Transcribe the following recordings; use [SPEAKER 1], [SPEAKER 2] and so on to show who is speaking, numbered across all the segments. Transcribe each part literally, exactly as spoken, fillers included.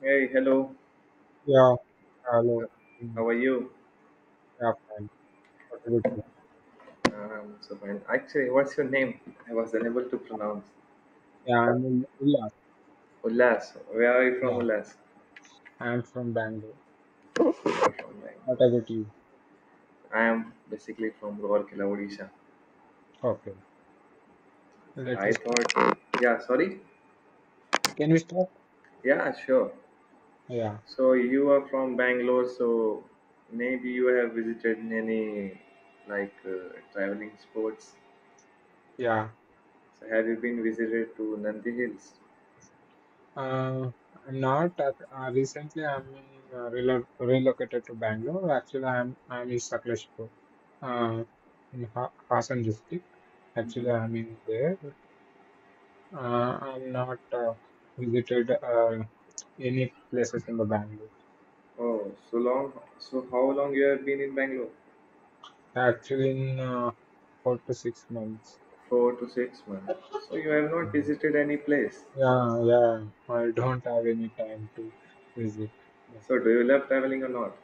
[SPEAKER 1] Hey, hello.
[SPEAKER 2] Yeah. Hello.
[SPEAKER 1] Uh,
[SPEAKER 2] Mm,
[SPEAKER 1] How are you?
[SPEAKER 2] Yeah, fine. What about you?
[SPEAKER 1] Um, so fine. Actually, what's your name? I was unable to pronounce.
[SPEAKER 2] Yeah, I'm in Ullas.
[SPEAKER 1] Ullas. Where are you from,
[SPEAKER 2] Yeah,
[SPEAKER 1] Ullas?
[SPEAKER 2] I'm from Bangalore.
[SPEAKER 1] I'm from
[SPEAKER 2] What
[SPEAKER 1] Bangalore.
[SPEAKER 2] about you?
[SPEAKER 1] I am basically from Rourkela, Odisha.
[SPEAKER 2] Okay. Let
[SPEAKER 1] I
[SPEAKER 2] us start.
[SPEAKER 1] thought, yeah, sorry.
[SPEAKER 2] Can we start?
[SPEAKER 1] Yeah, sure.
[SPEAKER 2] Yeah.
[SPEAKER 1] So you are from Bangalore, so maybe you have visited any like uh, traveling spots.
[SPEAKER 2] Yeah.
[SPEAKER 1] So have you been visited to Nandi Hills?
[SPEAKER 2] Uh, I'm not. At, uh, recently, I'm in, uh, relo relocated to Bangalore. Actually, I'm I'm in Sakleshpur, uh, in ha Hassan district. Actually,
[SPEAKER 1] Mhm.
[SPEAKER 2] I'm in there. Uh, I'm not uh, visited uh, any places in the Bangalore.
[SPEAKER 1] Oh, so long. So how long you have been in Bangalore?
[SPEAKER 2] Actually, in uh, four to six months.
[SPEAKER 1] Four to six months. So you have not
[SPEAKER 2] Mhm.
[SPEAKER 1] visited any place.
[SPEAKER 2] Yeah, yeah, I don't have any time to visit.
[SPEAKER 1] So do you love traveling or not?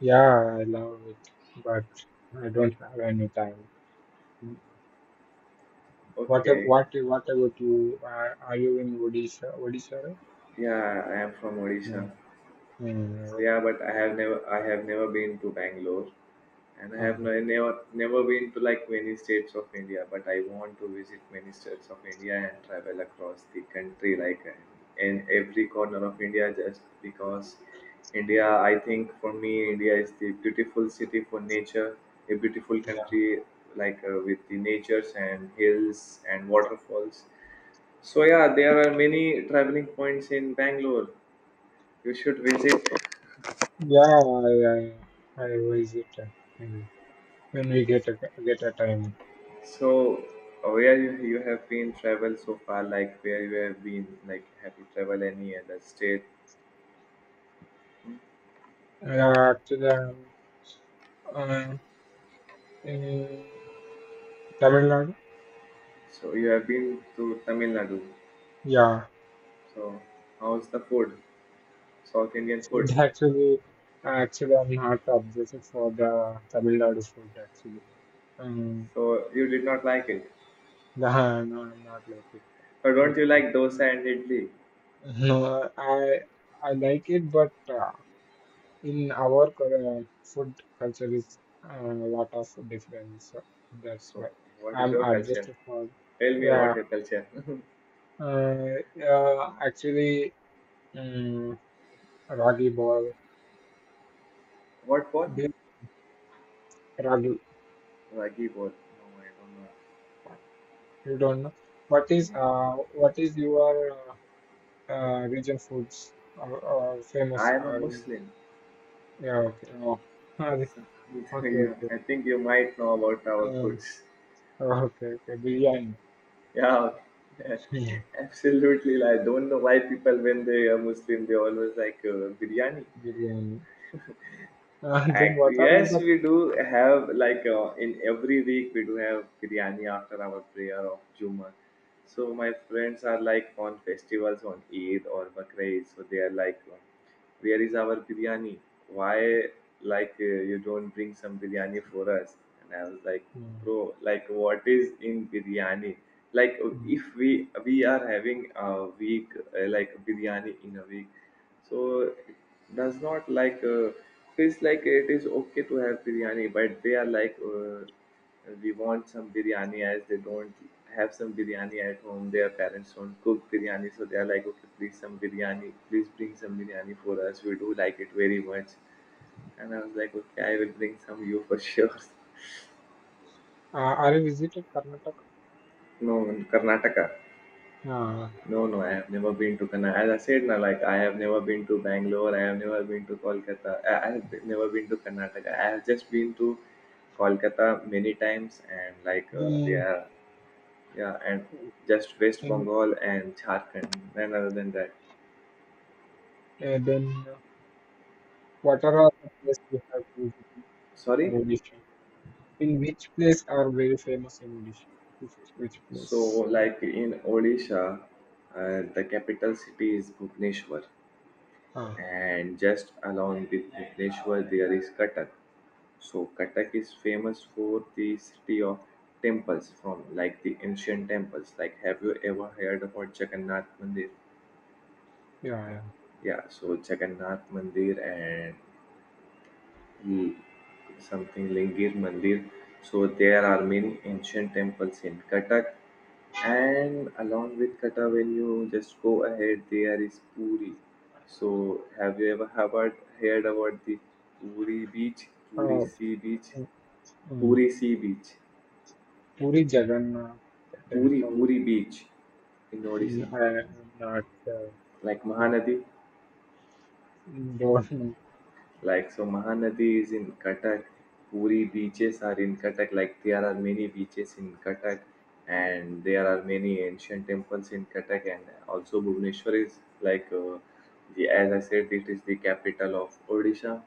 [SPEAKER 2] Yeah, I love it, but I don't have any time. What ab-
[SPEAKER 1] Okay.
[SPEAKER 2] what what about you? Are, are you in Odisha? Odisha, right?
[SPEAKER 1] Yeah, I am from Odisha.
[SPEAKER 2] No.
[SPEAKER 1] So
[SPEAKER 2] Mm,
[SPEAKER 1] yeah, but I have never I have never been to Bangalore. And I have
[SPEAKER 2] uh,
[SPEAKER 1] no, never never been to like many states of India, but I want to visit many states of India and travel across the country, like uh, in every corner of India, just because India, I think for me, India is the beautiful city for nature, a beautiful country like uh, with the natures and hills and waterfalls. So yeah, there are many traveling points in Bangalore. You should visit.
[SPEAKER 2] yeah, I, I, I visit uh, when when we get a get a time.
[SPEAKER 1] So, uh, where you, you have been travel so far, like where you have been, like have you traveled any other state?
[SPEAKER 2] Uh, actually, I'm, uh, in Tamil Nadu.
[SPEAKER 1] So you have been to Tamil Nadu.
[SPEAKER 2] Yeah.
[SPEAKER 1] So how's the food? South Indian
[SPEAKER 2] Food
[SPEAKER 1] food.
[SPEAKER 2] actually, uh, actually, I'm not obsessive for the Tamil Nadu food actually. Um,
[SPEAKER 1] So you did not like it.
[SPEAKER 2] nah, no, I'm not like it.
[SPEAKER 1] But don't
[SPEAKER 2] That's
[SPEAKER 1] you
[SPEAKER 2] good.
[SPEAKER 1] like dosa and idli?
[SPEAKER 2] No, I I like it, but uh, in our cul- uh, food culture is uh, a lot of difference. So that's
[SPEAKER 1] So
[SPEAKER 2] why
[SPEAKER 1] what is
[SPEAKER 2] I'm
[SPEAKER 1] your culture?
[SPEAKER 2] adjusted for.
[SPEAKER 1] Tell me about
[SPEAKER 2] Yeah,
[SPEAKER 1] your culture.
[SPEAKER 2] uh, yeah. Actually, um, ragi ball.
[SPEAKER 1] What bowl?
[SPEAKER 2] Do you- Ragi,
[SPEAKER 1] Ragi bowl. No, I don't know.
[SPEAKER 2] you don't know what is
[SPEAKER 1] Mm.
[SPEAKER 2] uh what is your uh, uh, region foods are, are famous.
[SPEAKER 1] I am a
[SPEAKER 2] Are
[SPEAKER 1] Muslim.
[SPEAKER 2] yeah, okay, oh, are they-
[SPEAKER 1] So,
[SPEAKER 2] okay,
[SPEAKER 1] you-
[SPEAKER 2] okay,
[SPEAKER 1] I think you might know about our
[SPEAKER 2] um,
[SPEAKER 1] foods.
[SPEAKER 2] oh, okay, okay, biryani,
[SPEAKER 1] Yeah,
[SPEAKER 2] hmm,
[SPEAKER 1] absolutely. I don't know why people, when they are Muslim, they always like uh, biryani.
[SPEAKER 2] biryani. Uh, then
[SPEAKER 1] Ac-
[SPEAKER 2] what are all
[SPEAKER 1] Yes,
[SPEAKER 2] the?
[SPEAKER 1] we do have like uh, in every week we do have biryani after our prayer of Juma. So my friends are like on festivals on Eid or Bakrid, so they are like, uh, where is our biryani? Why like uh, you don't bring some biryani for us? And I was like,
[SPEAKER 2] Hmm,
[SPEAKER 1] bro, like what is in biryani? Like
[SPEAKER 2] hmm.
[SPEAKER 1] if we we are having a week uh, like biryani in a week so it does not like uh, feels like it is okay to have biryani, but they are like uh, we want some biryani as they don't have some biryani at home. Their parents don't cook biryani, so they are like okay, please some biryani, please bring some biryani for us, we do like it very much. And I was like okay, I will bring some you for sure.
[SPEAKER 2] Uh, are you visited Karnataka?
[SPEAKER 1] No, in Karnataka.
[SPEAKER 2] Ah,
[SPEAKER 1] No, no, I have never been to Kana. As I said, na, like I have never been to Bangalore. I have never been to Kolkata. I, I have be- never been to Karnataka. I have just been to Kolkata many times, and like uh, they
[SPEAKER 2] then,
[SPEAKER 1] yeah, and just West
[SPEAKER 2] in,
[SPEAKER 1] Bengal and Jharkhand. And other than that,
[SPEAKER 2] uh, then uh, what are all the places you have visited uh,
[SPEAKER 1] sorry.
[SPEAKER 2] Odisha? In which place are very famous in Odisha? Which, which
[SPEAKER 1] So
[SPEAKER 2] place?
[SPEAKER 1] like in Odisha, uh, the capital city is Bhubaneswar,
[SPEAKER 2] Ah,
[SPEAKER 1] and just along with Bhubaneswar there is Cuttack. So Cuttack is famous for the city of temples from like the ancient temples. Like have you ever heard about Jagannath Mandir?
[SPEAKER 2] yeah, yeah.
[SPEAKER 1] Yeah, so Jagannath Mandir and L- something Lingir Mandir. So there are many ancient temples in Cuttack, and along with Cuttack, when you just go ahead, there is Puri. So have you ever heard heard about the Puri beach, Puri
[SPEAKER 2] Uh,
[SPEAKER 1] sea beach,
[SPEAKER 2] mm,
[SPEAKER 1] Puri sea beach?
[SPEAKER 2] Puri Jagannath
[SPEAKER 1] Puri
[SPEAKER 2] temple.
[SPEAKER 1] Puri beach in Odisha.
[SPEAKER 2] I am not. Uh,
[SPEAKER 1] Like
[SPEAKER 2] yeah,
[SPEAKER 1] Mahanadi,
[SPEAKER 2] don't.
[SPEAKER 1] like so Mahanadi is in Cuttack. Puri beaches are in Cuttack. Like there are many beaches in Cuttack, and there are many ancient temples in Cuttack, and also Bhubaneswar is like uh, the as I said, it is the capital of Odisha.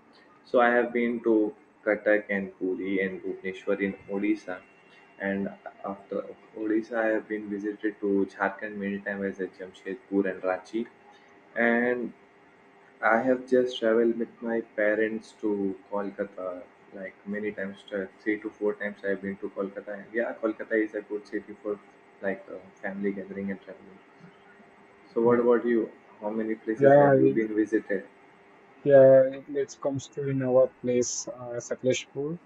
[SPEAKER 1] So I have been to Cuttack and Puri and Bhubaneswar in Odisha. And after Odisha, I have been visited to Jharkhand many times as at Jamshedpur and Ranchi. And I have just traveled with my parents to Kolkata like many times, t- three to four times I've been to Kolkata. And yeah, Kolkata is a good city for like uh, family gathering and traveling. So, what
[SPEAKER 2] Yeah,
[SPEAKER 1] about you? How many places
[SPEAKER 2] yeah.
[SPEAKER 1] have you
[SPEAKER 2] it-
[SPEAKER 1] been visited?
[SPEAKER 2] yeah it it comes to in our place, uh, Sakleshpur.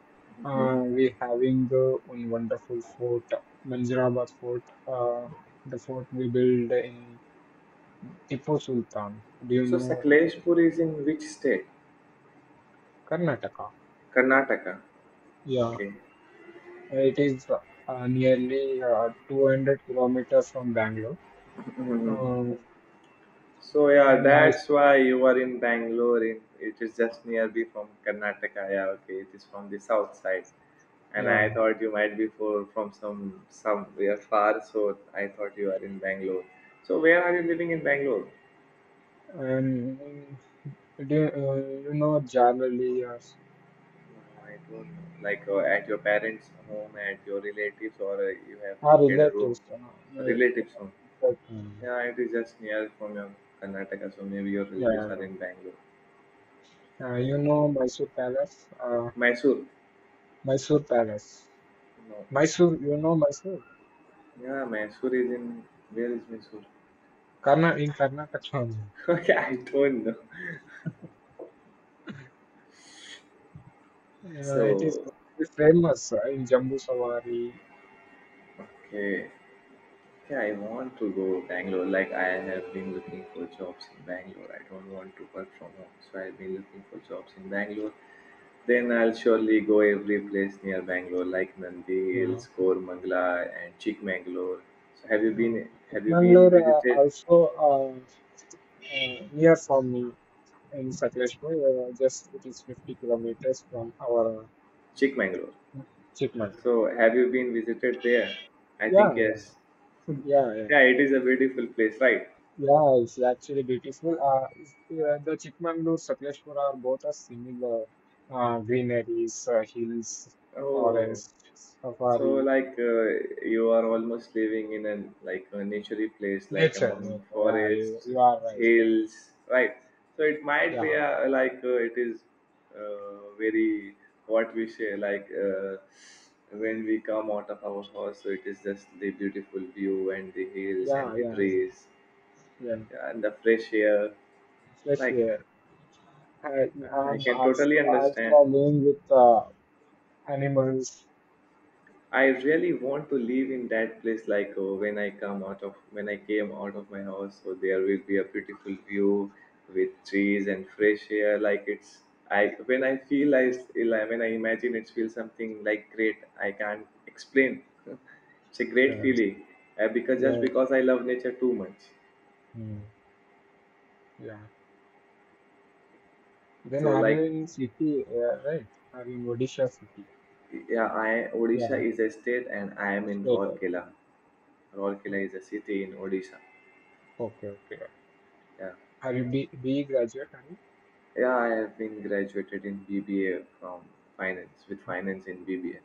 [SPEAKER 2] Uh,
[SPEAKER 1] Hmm.
[SPEAKER 2] we having the one wonderful fort, Manjirabad fort. Uh, the fort we build in Tipu Sultan. Do you
[SPEAKER 1] So,
[SPEAKER 2] know Tipu Sultan?
[SPEAKER 1] Sakleshpur is in which state?
[SPEAKER 2] Karnataka.
[SPEAKER 1] Karnataka.
[SPEAKER 2] Yeah,
[SPEAKER 1] Okay.
[SPEAKER 2] it is uh, nearly uh, two hundred kilometers from Bangalore.
[SPEAKER 1] Mhm.
[SPEAKER 2] Uh,
[SPEAKER 1] So, yeah,
[SPEAKER 2] and my
[SPEAKER 1] that's why you are in Bangalore. In, it is just nearby from Karnataka. Yeah, okay. It is from the south side. And I
[SPEAKER 2] yeah,
[SPEAKER 1] thought you might be for, from some somewhere far, so I thought you are in Bangalore. So where are you living in Bangalore?
[SPEAKER 2] And do, uh, you know, generally, yes,
[SPEAKER 1] No, I don't know. Like uh, at your parents' home, at your relatives, or uh, you have
[SPEAKER 2] our
[SPEAKER 1] rented a room,
[SPEAKER 2] relatives, uh,
[SPEAKER 1] a
[SPEAKER 2] like,
[SPEAKER 1] relatives' home.
[SPEAKER 2] like, mm.
[SPEAKER 1] Yeah, it is just near from your Karnataka, so maybe your relatives are
[SPEAKER 2] Yeah,
[SPEAKER 1] in Bangalore.
[SPEAKER 2] uh, you know, Mysore Palace, uh,
[SPEAKER 1] Mysore?
[SPEAKER 2] Mysore Palace,
[SPEAKER 1] No.
[SPEAKER 2] Mysore, you know, Mysore,
[SPEAKER 1] Yeah, Mysore is in. Where is Mysore?
[SPEAKER 2] Karna in Karnataka, only.
[SPEAKER 1] Okay, I don't know.
[SPEAKER 2] Uh, it is
[SPEAKER 1] So,
[SPEAKER 2] very famous uh, in Jambu Savari.
[SPEAKER 1] okay. Yeah, I want to go Bangalore. Like I have been looking for jobs in Bangalore. I don't want to work from home, so I've been looking for jobs in Bangalore. Then I'll surely go every place near Bangalore, like Nandi
[SPEAKER 2] Yeah.
[SPEAKER 1] Hills, Kormangla, and Chikmagalur. So have you
[SPEAKER 2] Uh,
[SPEAKER 1] been? Have you been
[SPEAKER 2] Mangalore uh,
[SPEAKER 1] visited
[SPEAKER 2] also uh, uh, near from me in Sakleshpur, uh, just it is fifty kilometers from our
[SPEAKER 1] Chikmagalur?
[SPEAKER 2] uh, Chikmagalur.
[SPEAKER 1] So have you been visited there? I think
[SPEAKER 2] Yeah, yeah.
[SPEAKER 1] yes.
[SPEAKER 2] Yeah, yeah,
[SPEAKER 1] Yeah, it is a beautiful place, right?
[SPEAKER 2] yeah. It's actually beautiful. Uh, is- yeah, the Chikmagalur, Sakleshpura are both are similar. Uh, greeneries, uh, hills,
[SPEAKER 1] Oh.
[SPEAKER 2] forests,
[SPEAKER 1] So,
[SPEAKER 2] safari,
[SPEAKER 1] like, uh, you are almost living in an like a naturey place, like
[SPEAKER 2] nature.
[SPEAKER 1] among
[SPEAKER 2] Okay. Yeah, you,
[SPEAKER 1] forests,
[SPEAKER 2] you are right.
[SPEAKER 1] hills, right? So it might be
[SPEAKER 2] Yeah,
[SPEAKER 1] uh, like uh, it is uh, very what we say, like uh, when we come out of our house, so it is just the beautiful view and the hills and
[SPEAKER 2] yeah,
[SPEAKER 1] the
[SPEAKER 2] yeah, yeah, yeah,
[SPEAKER 1] trees,
[SPEAKER 2] yeah.
[SPEAKER 1] yeah, and the fresh air. Like,
[SPEAKER 2] Especially, uh, I,
[SPEAKER 1] uh, I
[SPEAKER 2] I'm
[SPEAKER 1] can
[SPEAKER 2] also
[SPEAKER 1] totally
[SPEAKER 2] also
[SPEAKER 1] understand.
[SPEAKER 2] alone with uh, animals.
[SPEAKER 1] I really want to live in that place like uh, when I come out of when I came out of my house so there will be a beautiful view with trees and fresh air like it's I when I feel I s- like, when I imagine it feels something like great, I can't explain. It's a great
[SPEAKER 2] Yeah,
[SPEAKER 1] feeling uh, because just
[SPEAKER 2] yeah,
[SPEAKER 1] because I love nature too much.
[SPEAKER 2] mm, yeah. Then
[SPEAKER 1] So
[SPEAKER 2] are you
[SPEAKER 1] like
[SPEAKER 2] in city? Yeah, right. Are you in Odisha city?
[SPEAKER 1] yeah, I Odisha
[SPEAKER 2] Yeah,
[SPEAKER 1] is a state and I am in
[SPEAKER 2] later.
[SPEAKER 1] Rourkela. Rourkela is a city in Odisha.
[SPEAKER 2] Okay, okay.
[SPEAKER 1] Yeah.
[SPEAKER 2] Are you B BE graduate? Are you?
[SPEAKER 1] Yeah, I have been graduated in B B A from finance with finance in B B A.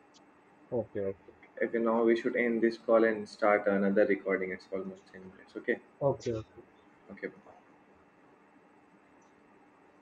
[SPEAKER 2] Okay, okay,
[SPEAKER 1] Okay, now we should end this call and start another recording. It's almost ten minutes. Okay,
[SPEAKER 2] okay, okay.
[SPEAKER 1] okay, bye.